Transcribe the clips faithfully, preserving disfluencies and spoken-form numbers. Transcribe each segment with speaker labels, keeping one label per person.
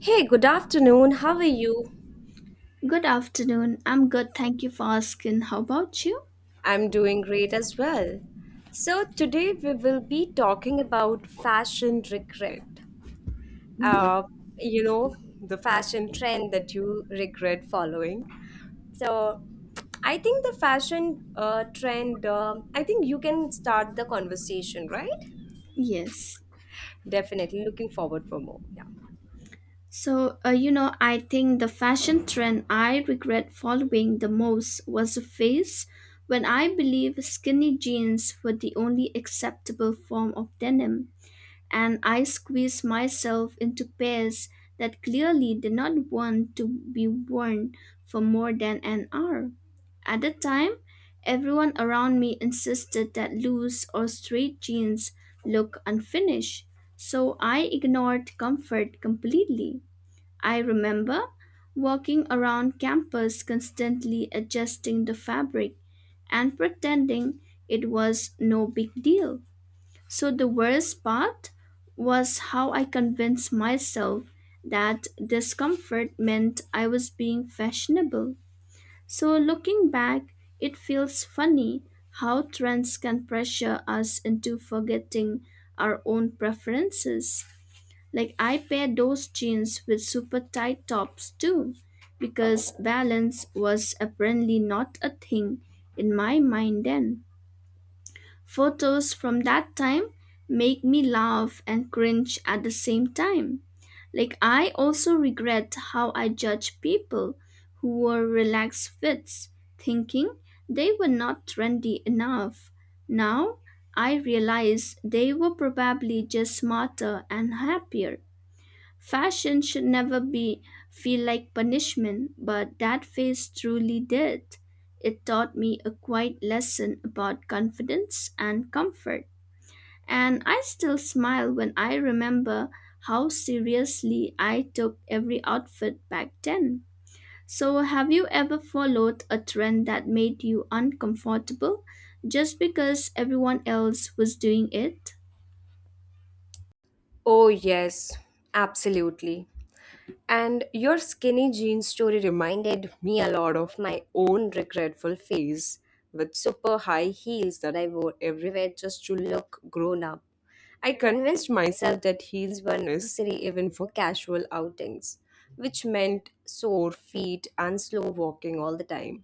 Speaker 1: Hey, good afternoon. How are you?
Speaker 2: Good afternoon. I'm good. Thank you for asking. How about you?
Speaker 1: I'm doing great as well. So, today we will be talking about fashion regret.
Speaker 2: Yeah.
Speaker 1: Uh, you know, the fashion trend that you regret following. So, I think the fashion uh, trend, um I think you can start the conversation, right?
Speaker 2: Yes.
Speaker 1: Definitely looking forward for more. Yeah.
Speaker 2: So, uh, you know, I think the fashion trend I regret following the most was a phase when I believe skinny jeans were the only acceptable form of denim. And I squeezed myself into pairs that clearly did not want to be worn for more than an hour. At the time, everyone around me insisted that loose or straight jeans look unfinished, so I ignored comfort completely. I remember walking around campus constantly adjusting the fabric and pretending it was no big deal. So the worst part was how I convinced myself that discomfort meant I was being fashionable. So looking back, it feels funny how trends can pressure us into forgetting our own preferences. Like I pair those jeans with super tight tops too, because balance was apparently not a thing in my mind then. Photos from that time make me laugh and cringe at the same time. Like, I also regret how I judge people who wore relaxed fits, thinking they were not trendy enough. Now, I realize they were probably just smarter and happier. Fashion should never be feel like punishment, but that phase truly did. It taught me a quiet lesson about confidence and comfort, and I still smile when I remember how seriously I took every outfit back then. So, have you ever followed a trend that made you uncomfortable just because everyone else was doing it?
Speaker 1: Oh, yes, absolutely. And your skinny jeans story reminded me a lot of my own regretful phase with super high heels that I wore everywhere just to look grown up. I convinced myself that heels were necessary even for casual outings, which meant sore feet and slow walking all the time.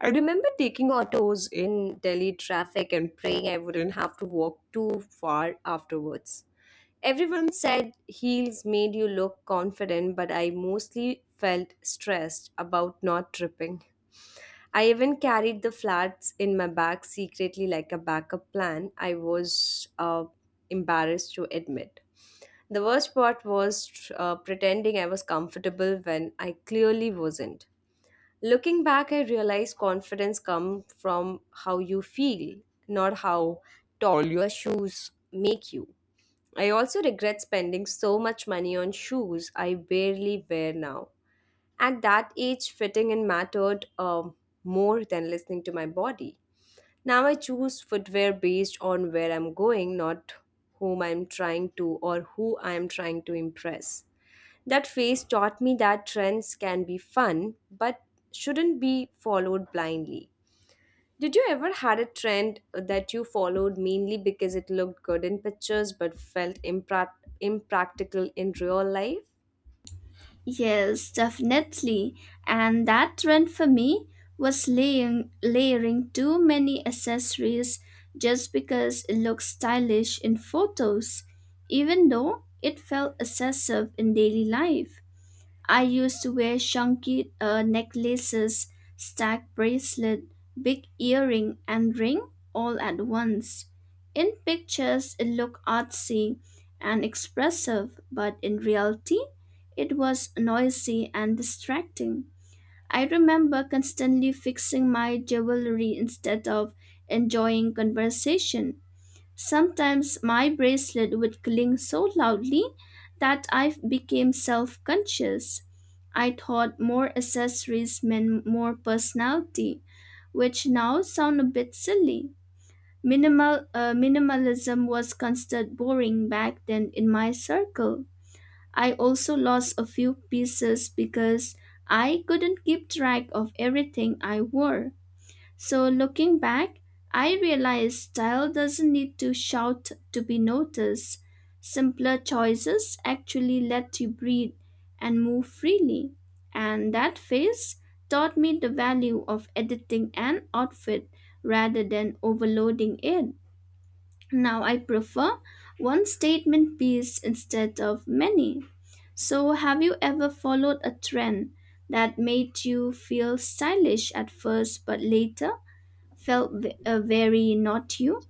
Speaker 1: I remember taking autos in Delhi traffic and praying I wouldn't have to walk too far afterwards. Everyone said heels made you look confident, but I mostly felt stressed about not tripping. I even carried the flats in my bag secretly like a backup plan. I was uh, embarrassed to admit. The worst part was uh, pretending I was comfortable when I clearly wasn't. Looking back, I realized confidence comes from how you feel, not how tall your shoes make you. I also regret spending so much money on shoes I barely wear now. At that age, fitting in mattered um, more than listening to my body. Now I choose footwear based on where I'm going, not whom I'm trying to or who I'm trying to impress. That phase taught me that trends can be fun but shouldn't be followed blindly. Did you ever had a trend that you followed mainly because it looked good in pictures but felt impra- impractical in real life?
Speaker 2: Yes, definitely. And that trend for me was laying, layering too many accessories just because it looks stylish in photos, even though it felt excessive in daily life. I used to wear chunky uh, necklaces, stack bracelet, big earring, and ring all at once. In pictures, it looked artsy and expressive, but in reality, it was noisy and distracting. I remember constantly fixing my jewelry instead of enjoying conversation. Sometimes my bracelet would cling so loudly that I became self conscious. I thought more accessories meant more personality, which now sound a bit silly. Minimal, uh, minimalism was considered boring back then in my circle. I also lost a few pieces because I couldn't keep track of everything I wore. So looking back, I realized style doesn't need to shout to be noticed. Simpler choices actually let you breathe and move freely. And that phase taught me the value of editing an outfit rather than overloading it. Now I prefer one statement piece instead of many. So, have you ever followed a trend that made you feel stylish at first but later felt v- uh, very not you?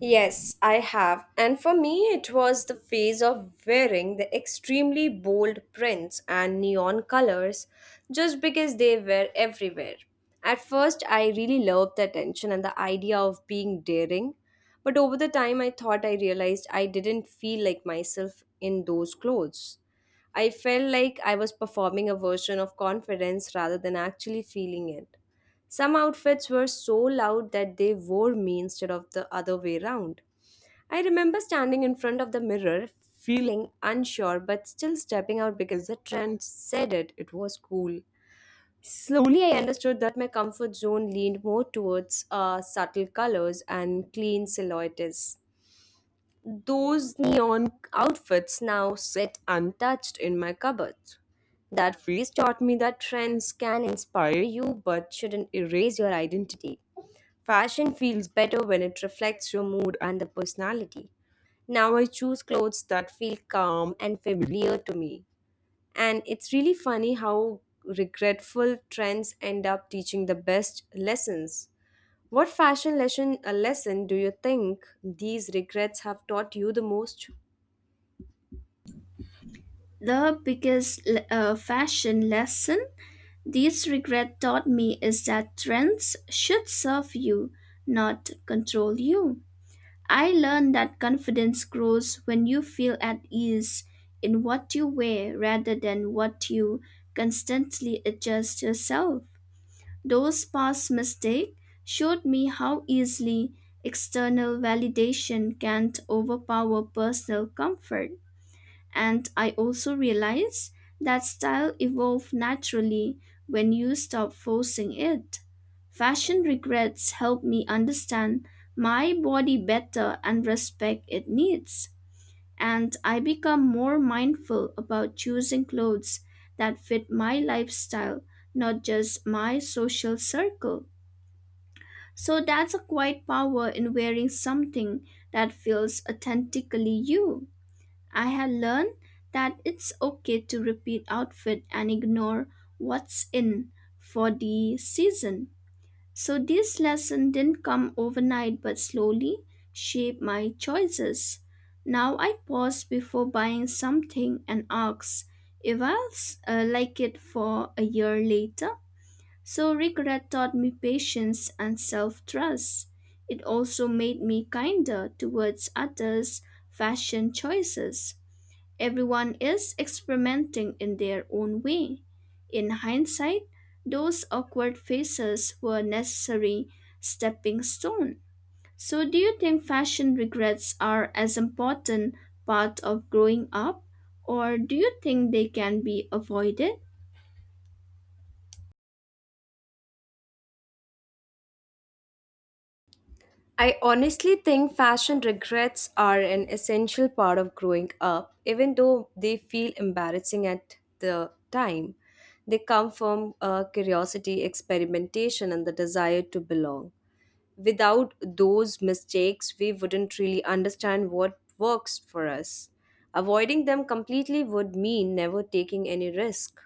Speaker 1: Yes, I have. And for me, it was the phase of wearing the extremely bold prints and neon colors just because they were everywhere. At first, I really loved the attention and the idea of being daring, but over the time, I thought I realized I didn't feel like myself in those clothes. I felt like I was performing a version of confidence rather than actually feeling it. Some outfits were so loud that they wore me instead of the other way round. I remember standing in front of the mirror, feeling unsure but still stepping out because the trend said it. It was cool. Slowly, I understood that my comfort zone leaned more towards uh, subtle colors and clean silhouettes. Those neon outfits now sit untouched in my cupboard. That phase taught me that trends can inspire you but shouldn't erase your identity. Fashion feels better when it reflects your mood and the personality. Now I choose clothes that feel calm and familiar to me. And it's really funny how regretful trends end up teaching the best lessons. What fashion lesson a lesson do you think these regrets have taught you the most?
Speaker 2: The biggest le- uh, fashion lesson these regret taught me is that trends should serve you, not control you. I learned that confidence grows when you feel at ease in what you wear rather than what you constantly adjust yourself. Those past mistakes showed me how easily external validation can overpower personal comfort. And I also realize that style evolves naturally when you stop forcing it. Fashion regrets help me understand my body better and respect its needs. And I become more mindful about choosing clothes that fit my lifestyle, not just my social circle. So that's a quiet power in wearing something that feels authentically you. I had learned that it's okay to repeat outfit and ignore what's in for the season. So this lesson didn't come overnight but slowly shaped my choices. Now I pause before buying something and ask if I'll uh, like it for a year later. So regret taught me patience and self-trust. It also made me kinder towards others' fashion choices. Everyone is experimenting in their own way. In hindsight, those awkward phases were necessary stepping stone. So do you think fashion regrets are as important part of growing up or do you think they can be avoided?
Speaker 1: I honestly think fashion regrets are an essential part of growing up, even though they feel embarrassing at the time. They come from uh, curiosity, experimentation, and the desire to belong without those mistakes, we wouldn't really understand what works for us. Avoiding them completely would mean never taking any risk.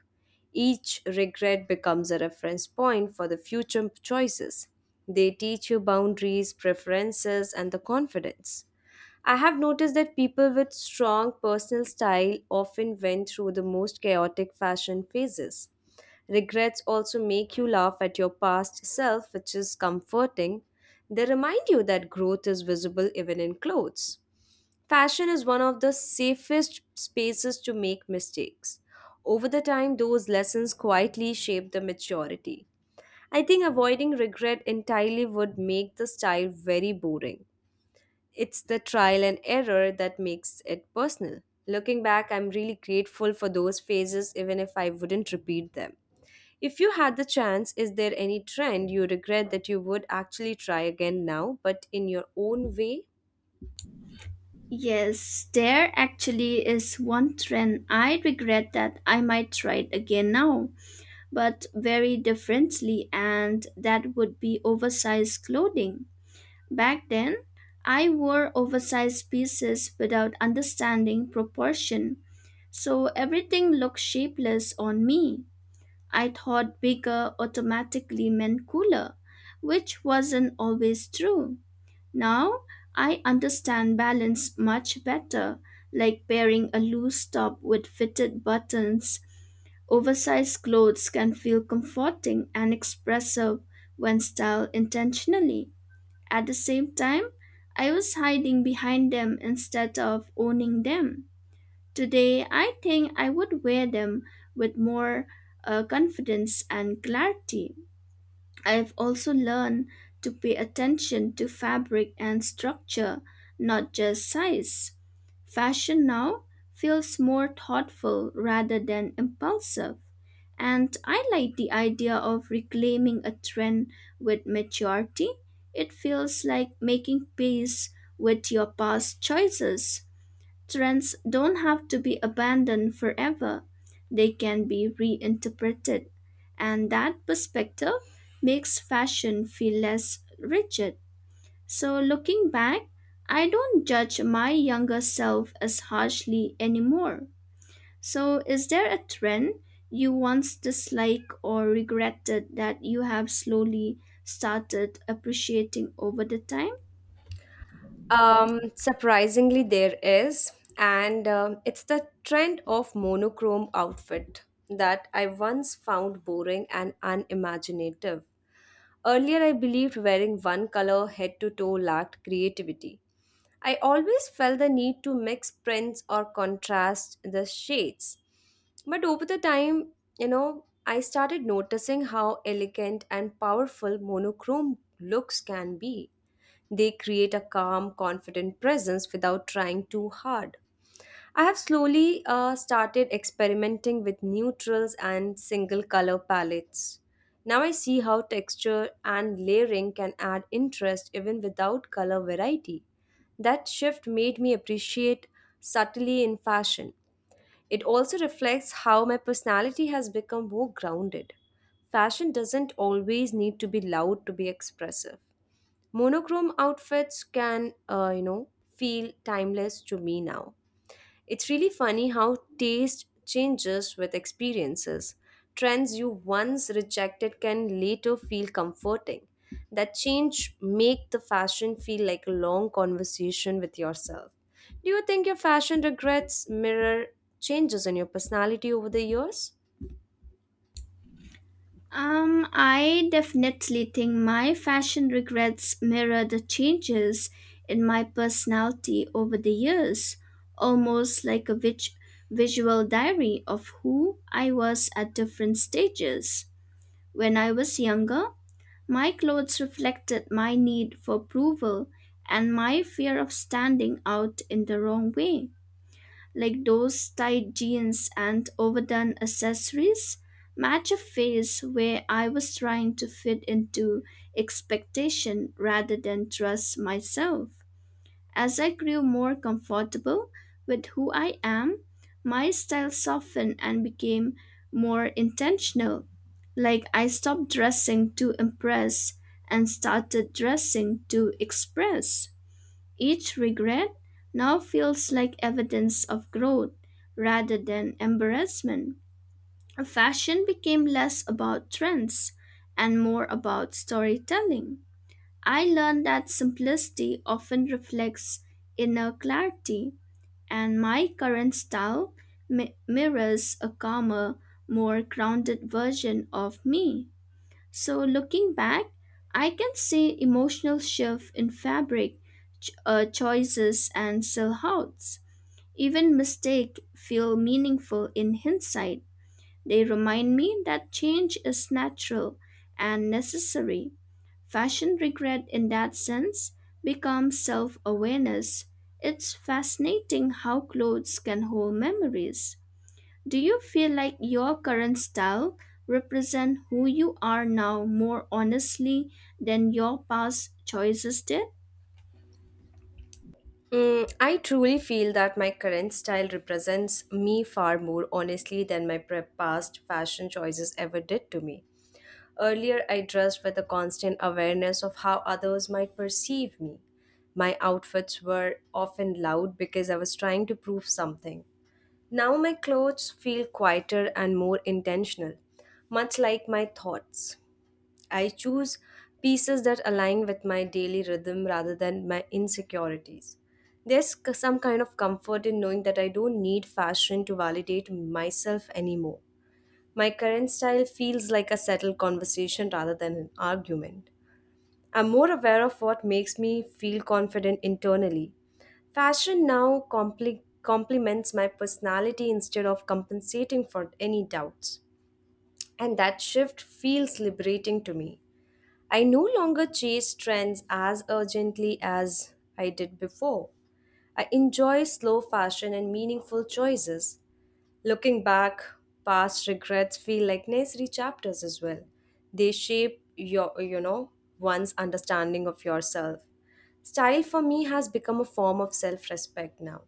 Speaker 1: Each regret becomes a reference point for the future choices. They teach you boundaries, preferences, and the confidence. I have noticed that people with strong personal style often went through the most chaotic fashion phases. Regrets also make you laugh at your past self, which is comforting. They remind you that growth is visible even in clothes. Fashion is one of the safest spaces to make mistakes. Over the time, those lessons quietly shape the maturity. I think avoiding regret entirely would make the style very boring. It's the trial and error that makes it personal. Looking back, I'm really grateful for those phases, even if I wouldn't repeat them. If you had the chance, is there any trend you regret that you would actually try again now, but in your own way?
Speaker 2: Yes, there actually is one trend I regret that I might try it again now, but very differently, and that would be oversized clothing. Back then, I wore oversized pieces without understanding proportion, so everything looked shapeless on me. I thought bigger automatically meant cooler, which wasn't always true. Now, I understand balance much better, like pairing a loose top with fitted buttons. Oversized clothes can feel comforting and expressive when styled intentionally. At the same time, I was hiding behind them instead of owning them. Today, I think I would wear them with more uh, confidence and clarity. I've also learned to pay attention to fabric and structure, not just size. Fashion now feels more thoughtful rather than impulsive, and I like the idea of reclaiming a trend with maturity. It feels like making peace with your past choices. Trends don't have to be abandoned forever, they can be reinterpreted, and that perspective makes fashion feel less rigid. So, looking back, I don't judge my younger self as harshly anymore. So, is there a trend you once disliked or regretted that you have slowly started appreciating over the time?
Speaker 1: Um, surprisingly, there is, and um, it's the trend of monochrome outfit that I once found boring and unimaginative. Earlier, I believed wearing one color head to toe lacked creativity. I always felt the need to mix prints or contrast the shades. But over the time, you know, I started noticing how elegant and powerful monochrome looks can be. They create a calm, confident presence without trying too hard. I have slowly uh, started experimenting with neutrals and single color palettes. Now I see how texture and layering can add interest even without color variety. That shift made me appreciate subtlety in fashion. It also reflects how my personality has become more grounded. Fashion doesn't always need to be loud to be expressive monochrome outfits can uh, you know feel timeless to me now. It's really funny how taste changes with experiences. Trends you once rejected can later feel comforting. That change make the fashion feel like a long conversation with yourself. Do you think your fashion regrets mirror changes in your personality over the years?
Speaker 2: Um, I definitely think my fashion regrets mirror the changes in my personality over the years, almost like a vig- visual diary of who I was at different stages. When I was younger, my clothes reflected my need for approval and my fear of standing out in the wrong way like those tight jeans and overdone accessories, match a phase where I was trying to fit into expectation rather than trust myself. As I grew more comfortable with who I am, my style softened and became more intentional. Like I stopped dressing to impress and started dressing to express. Each regret now feels like evidence of growth rather than embarrassment. Fashion became less about trends and more about storytelling. I learned that simplicity often reflects inner clarity, and my current style mi- mirrors a calmer, more grounded version of me. So, looking back, I can see emotional shift in fabric ch- uh, choices and silhouettes. Even mistakes feel meaningful in hindsight. They remind me that change is natural and necessary. Fashion regret, in that sense, becomes self awareness. It's fascinating how clothes can hold memories. Do you feel like your current style represent who you are now more honestly than your past choices did?
Speaker 1: Mm, I truly feel that my current style represents me far more honestly than my pre- past fashion choices ever did to me. Earlier, I dressed with a constant awareness of how others might perceive me. My outfits were often loud because I was trying to prove something. Now, my clothes feel quieter and more intentional, much like my thoughts. I choose pieces that align with my daily rhythm rather than my insecurities. There's c- some kind of comfort in knowing that I don't need fashion to validate myself anymore. My current style feels like a settled conversation rather than an argument. I'm more aware of what makes me feel confident internally. Fashion now compli complements my personality instead of compensating for any doubts. And that shift feels liberating to me. I no longer chase trends as urgently as I did before. I enjoy slow fashion and meaningful choices. Looking back, past regrets feel like necessary chapters as well. They shape your, you know, one's understanding of yourself. Style for me has become a form of self-respect now.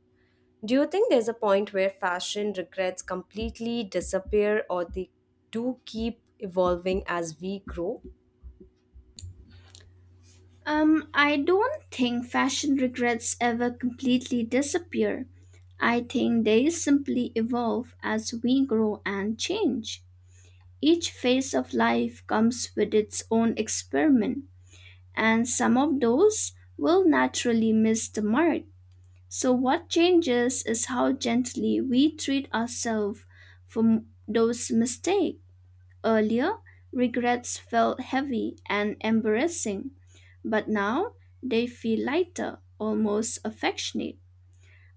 Speaker 1: Do you think there's a point where fashion regrets completely disappear or they do keep evolving as we grow?
Speaker 2: Um, I don't think fashion regrets ever completely disappear. I think they simply evolve as we grow and change. Each phase of life comes with its own experiment, and some of those will naturally miss the mark. So, what changes is how gently we treat ourselves for those mistakes. Earlier, regrets felt heavy and embarrassing, but now they feel lighter, almost affectionate.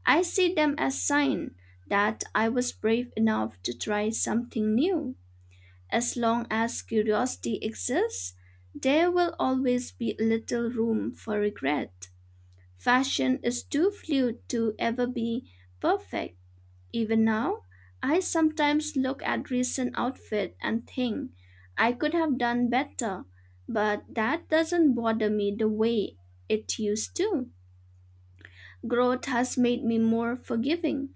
Speaker 2: I see them as sign that I was brave enough to try something new. As long as curiosity exists, there will always be little room for regret. Fashion is too fluid to ever be perfect. Even now, I sometimes look at recent outfit and think I could have done better, but that doesn't bother me the way it used to. Growth has made me more forgiving,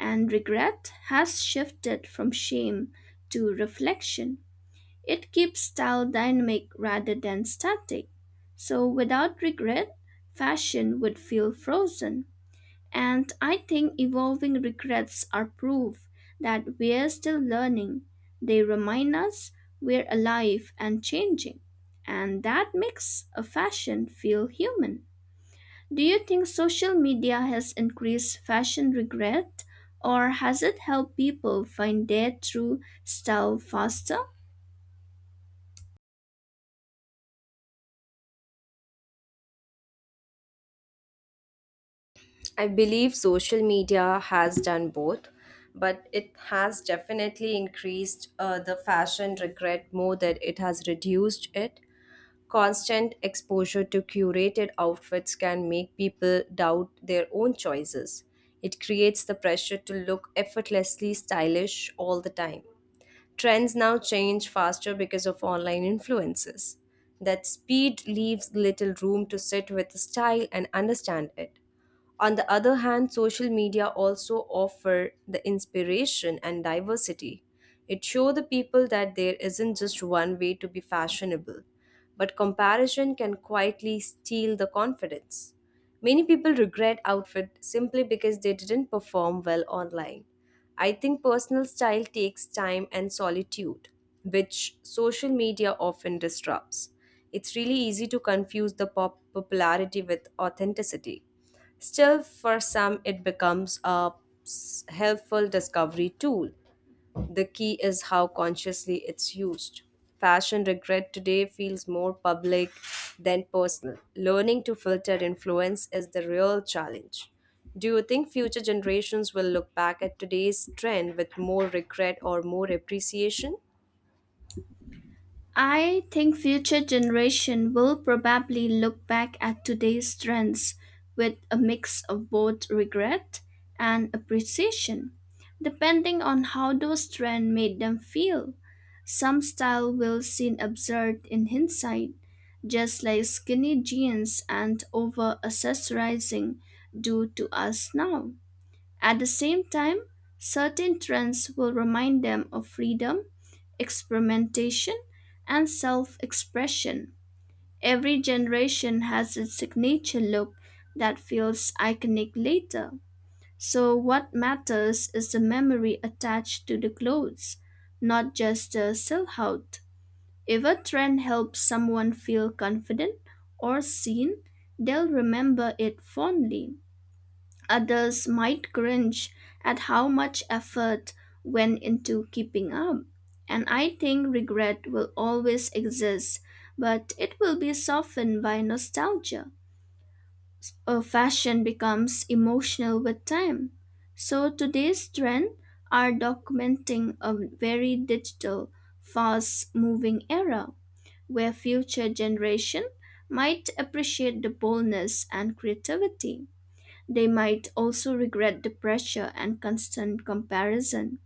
Speaker 2: and regret has shifted from shame to reflection. It keeps style dynamic rather than static. So without regret, fashion would feel frozen. And I think evolving regrets are proof that we're still learning. They remind us we're alive and changing. And that makes a fashion feel human. Do you think social media has increased fashion regret or has it helped people find their true style faster?
Speaker 1: I believe social media has done both, but it has definitely increased uh, the fashion regret more than it has reduced it. Constant exposure to curated outfits can make people doubt their own choices. It creates the pressure to look effortlessly stylish all the time. Trends now change faster because of online influences. That speed leaves little room to sit with style and understand it. On the other hand, social media also offer the inspiration and diversity. It show the people that there isn't just one way to be fashionable, but comparison can quietly steal the confidence. Many people regret outfit simply because they didn't perform well online. I think personal style takes time and solitude, which social media often disrupts. It's really easy to confuse the pop popularity with authenticity. Still, for some, it becomes a s- helpful discovery tool. The key is how consciously it's used. Fashion regret today feels more public than personal. Learning to filter influence is the real challenge. Do you think future generations will look back at today's trend with more regret or more appreciation?
Speaker 2: I think future generation will probably look back at today's trends with a mix of both regret and appreciation, depending on how those trends made them feel. Some style will seem absurd in hindsight, just like skinny jeans and over accessorizing do to us now. At the same time, certain trends will remind them of freedom experimentation, and self expression. Every generation has its signature look that feels iconic later. So, what matters is the memory attached to the clothes, not just the silhouette. If a trend helps someone feel confident or seen, they'll remember it fondly. Others might cringe at how much effort went into keeping up. And I think regret will always exist, but it will be softened by nostalgia. A fashion becomes emotional with time. So today's trend are documenting a very digital, fast moving era where future generation might appreciate the boldness and creativity. They might also regret the pressure and constant comparison.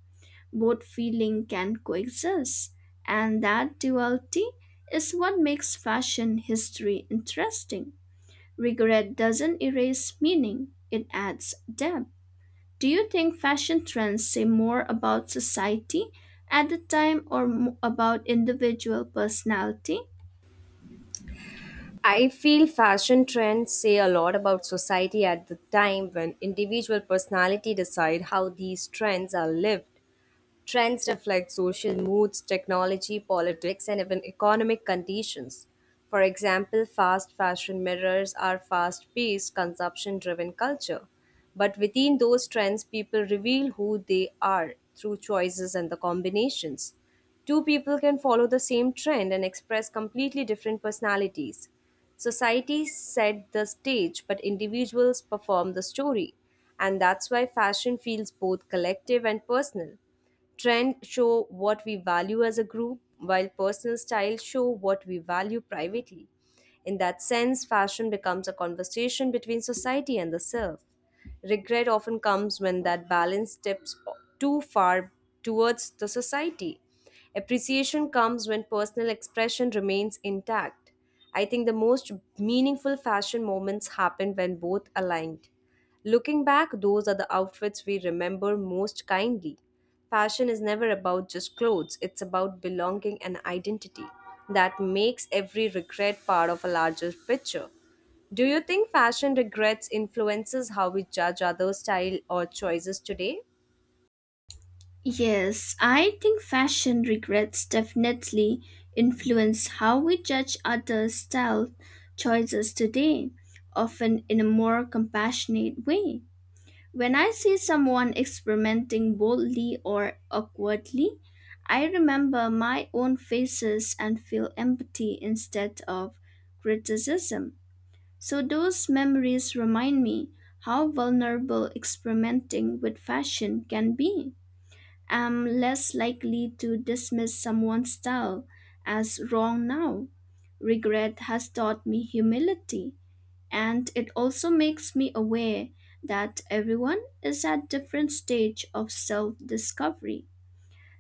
Speaker 2: Both feeling can coexist, and that duality is what makes fashion history interesting. Regret doesn't erase meaning, it adds depth. Do you think fashion trends say more about society at the time or mo- about individual personality?
Speaker 1: I feel fashion trends say a lot about society at the time when individual personality decide how these trends are lived. Trends reflect social moods, technology, politics, and even economic conditions. For example, fast fashion mirrors our fast paced, consumption driven culture. But within those trends, people reveal who they are through choices and the combinations. Two people can follow the same trend and express completely different personalities. Society set the stage, but individuals perform the story. And that's why fashion feels both collective and personal. Trend show what we value as a group, while personal style show what we value privately. In that sense, fashion becomes a conversation between society and the self. Regret often comes when that balance steps too far towards the society. Appreciation comes when personal expression remains intact. I think the most meaningful fashion moments happen when both aligned. Looking back, those are the outfits we remember most kindly. Fashion is never about just clothes, it's about belonging and identity. That makes every regret part of a larger picture. Do you think fashion regrets influences how we judge others' style or choices today?
Speaker 2: Yes, I think fashion regrets definitely influence how we judge others' style choices today, often in a more compassionate way. When I see someone experimenting boldly or awkwardly, I remember my own faces and feel empathy instead of criticism. So those memories remind me how vulnerable experimenting with fashion can be am less likely to dismiss someone's style as wrong now. Regret has taught me humility, and it also makes me aware that everyone is at different stage of self-discovery.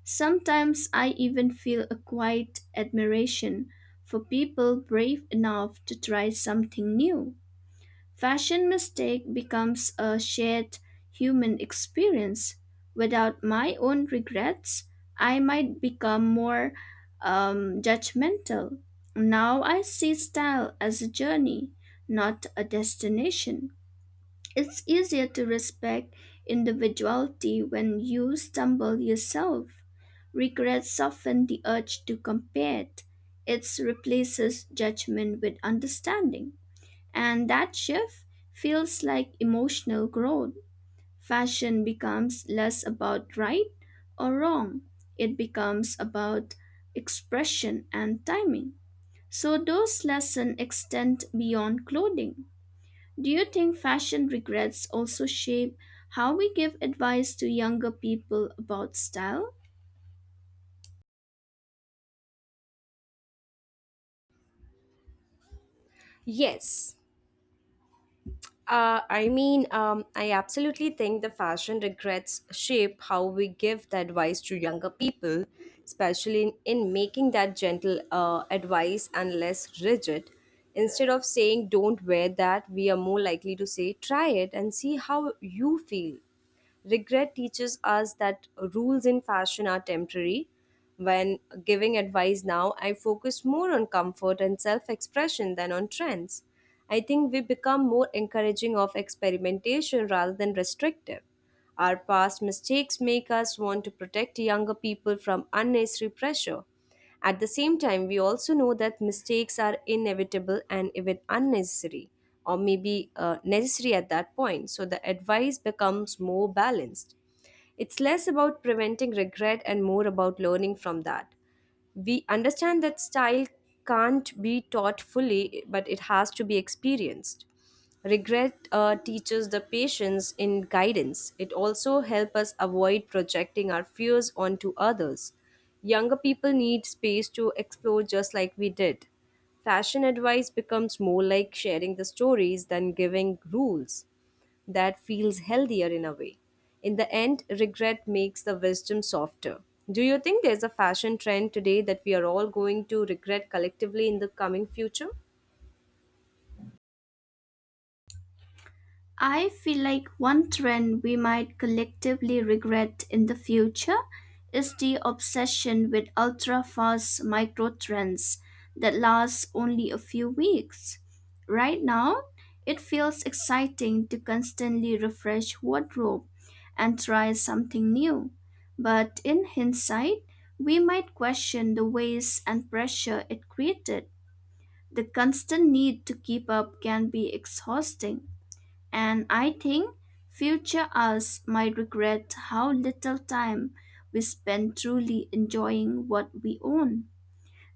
Speaker 2: Sometimes I even feel a quiet admiration for people brave enough to try something new. Fashion mistake becomes a shared human experience. Without my own regrets, I might become more um, judgmental. Now I see style as a journey, not a destination. It's easier to respect individuality when you stumble yourself. Regret soften the urge to compare. It It replaces judgment with understanding. And that shift feels like emotional growth. Fashion becomes less about right or wrong, it becomes about expression and timing. So, those lessons extend beyond clothing. Do you think fashion regrets also shape how we give advice to younger people about style?
Speaker 1: Yes, Uh, I mean, um, I absolutely think the fashion regrets shape how we give the advice to younger people, especially in, in making that gentle uh, advice and less rigid. Instead of saying, don't wear that, we are more likely to say, try it and see how you feel. Regret teaches us that rules in fashion are temporary. When giving advice now, I focus more on comfort and self expression than on trends. I think we become more encouraging of experimentation rather than restrictive. Our past mistakes make us want to protect younger people from unnecessary pressure. At the same time, we also know that mistakes are inevitable and even unnecessary, or maybe uh, necessary at that point, so the advice becomes more balanced. It's less about preventing regret and more about learning from that we understand that style can't be taught fully, but it has to be experienced. Regret uh, teaches the patience in guidance. It also helps us avoid projecting our fears onto others. Younger people need space to explore just like we did. Fashion advice becomes more like sharing the stories than giving rules that feels healthier in a way. In the end, regret makes the wisdom softer. Do you think there's a fashion trend today that we are all going to regret collectively in the coming future?
Speaker 2: I feel like one trend we might collectively regret in the future is the obsession with ultra fast micro trends that last only a few weeks. Right now, it feels exciting to constantly refresh wardrobe and try something new. But in hindsight, we might question the waste and pressure it created. The constant need to keep up can be exhausting and I think future us might regret how little time we spend truly enjoying what we own.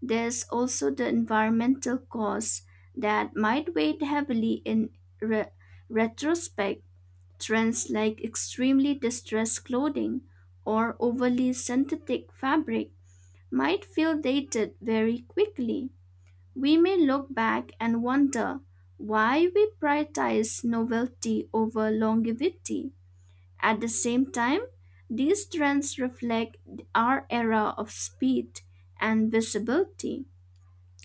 Speaker 2: There's also the environmental cost that might weigh heavily in re- retrospect. Trends like extremely distressed clothing or overly synthetic fabric might feel dated very quickly. We may look back and wonder why we prioritize novelty over longevity. At the same time, these trends reflect our era of speed and visibility.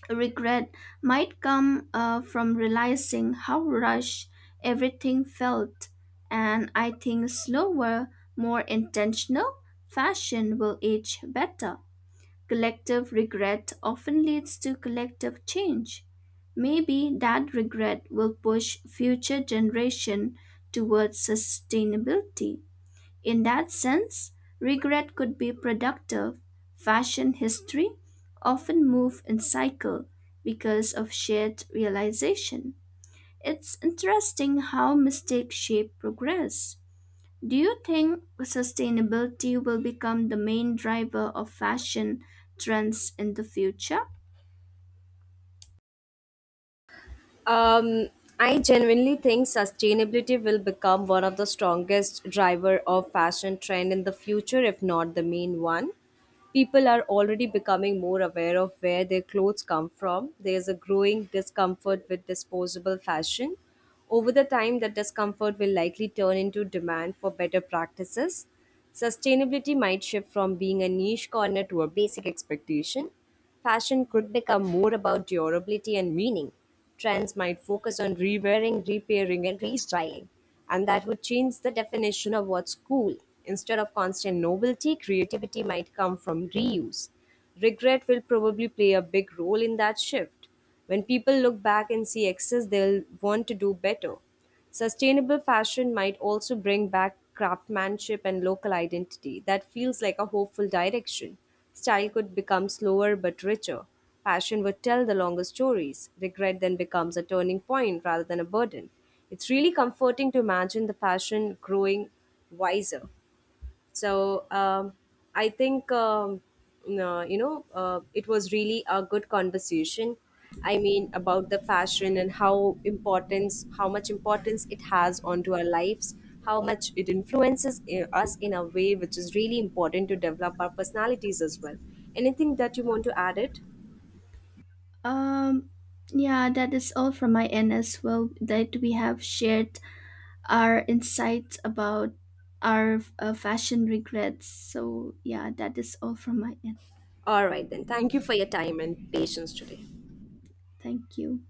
Speaker 2: Regret might come uh, from realizing how rushed everything felt, and I think slower, more intentional fashion will age better. Collective regret often leads to collective change. Maybe that regret will push future generation towards sustainability. In that sense, regret could be productive. Fashion history often move in cycle because of shared realization. It's interesting how mistakes shape progress. Do you think sustainability will become the main driver of fashion trends in the future?
Speaker 1: Um, I genuinely think sustainability will become one of the strongest driver of fashion trend in the future, if not the main one. People are already becoming more aware of where their clothes come from. There's a growing discomfort with disposable fashion. Over the time, that discomfort will likely turn into demand for better practices. Sustainability might shift from being a niche corner to a basic expectation. Fashion could become more about durability and meaning. Trends might focus on rewearing, repairing, and restyling. And that would change the definition of what's cool. Instead of constant novelty, creativity might come from reuse. Regret will probably play a big role in that shift. When people look back and see excess, they'll want to do better. Sustainable fashion might also bring back craftsmanship and local identity. That feels like a hopeful direction. Style could become slower but richer. Fashion would tell the longer stories. Regret then becomes a turning point rather than a burden. It's really comforting to imagine the fashion growing wiser. So um, I think um, no, you know uh, it was really a good conversation. I mean, about the fashion and how importance how much importance it has onto our lives, how much it influences i- us in a way which is really important to develop our personalities as well. Anything that you want to add it?
Speaker 2: Um, yeah, that is all from my end as well. That we have shared our insights about our uh, fashion regrets. So, yeah, that is all from my end.
Speaker 1: All right then, thank you for your time and patience today.
Speaker 2: Thank you.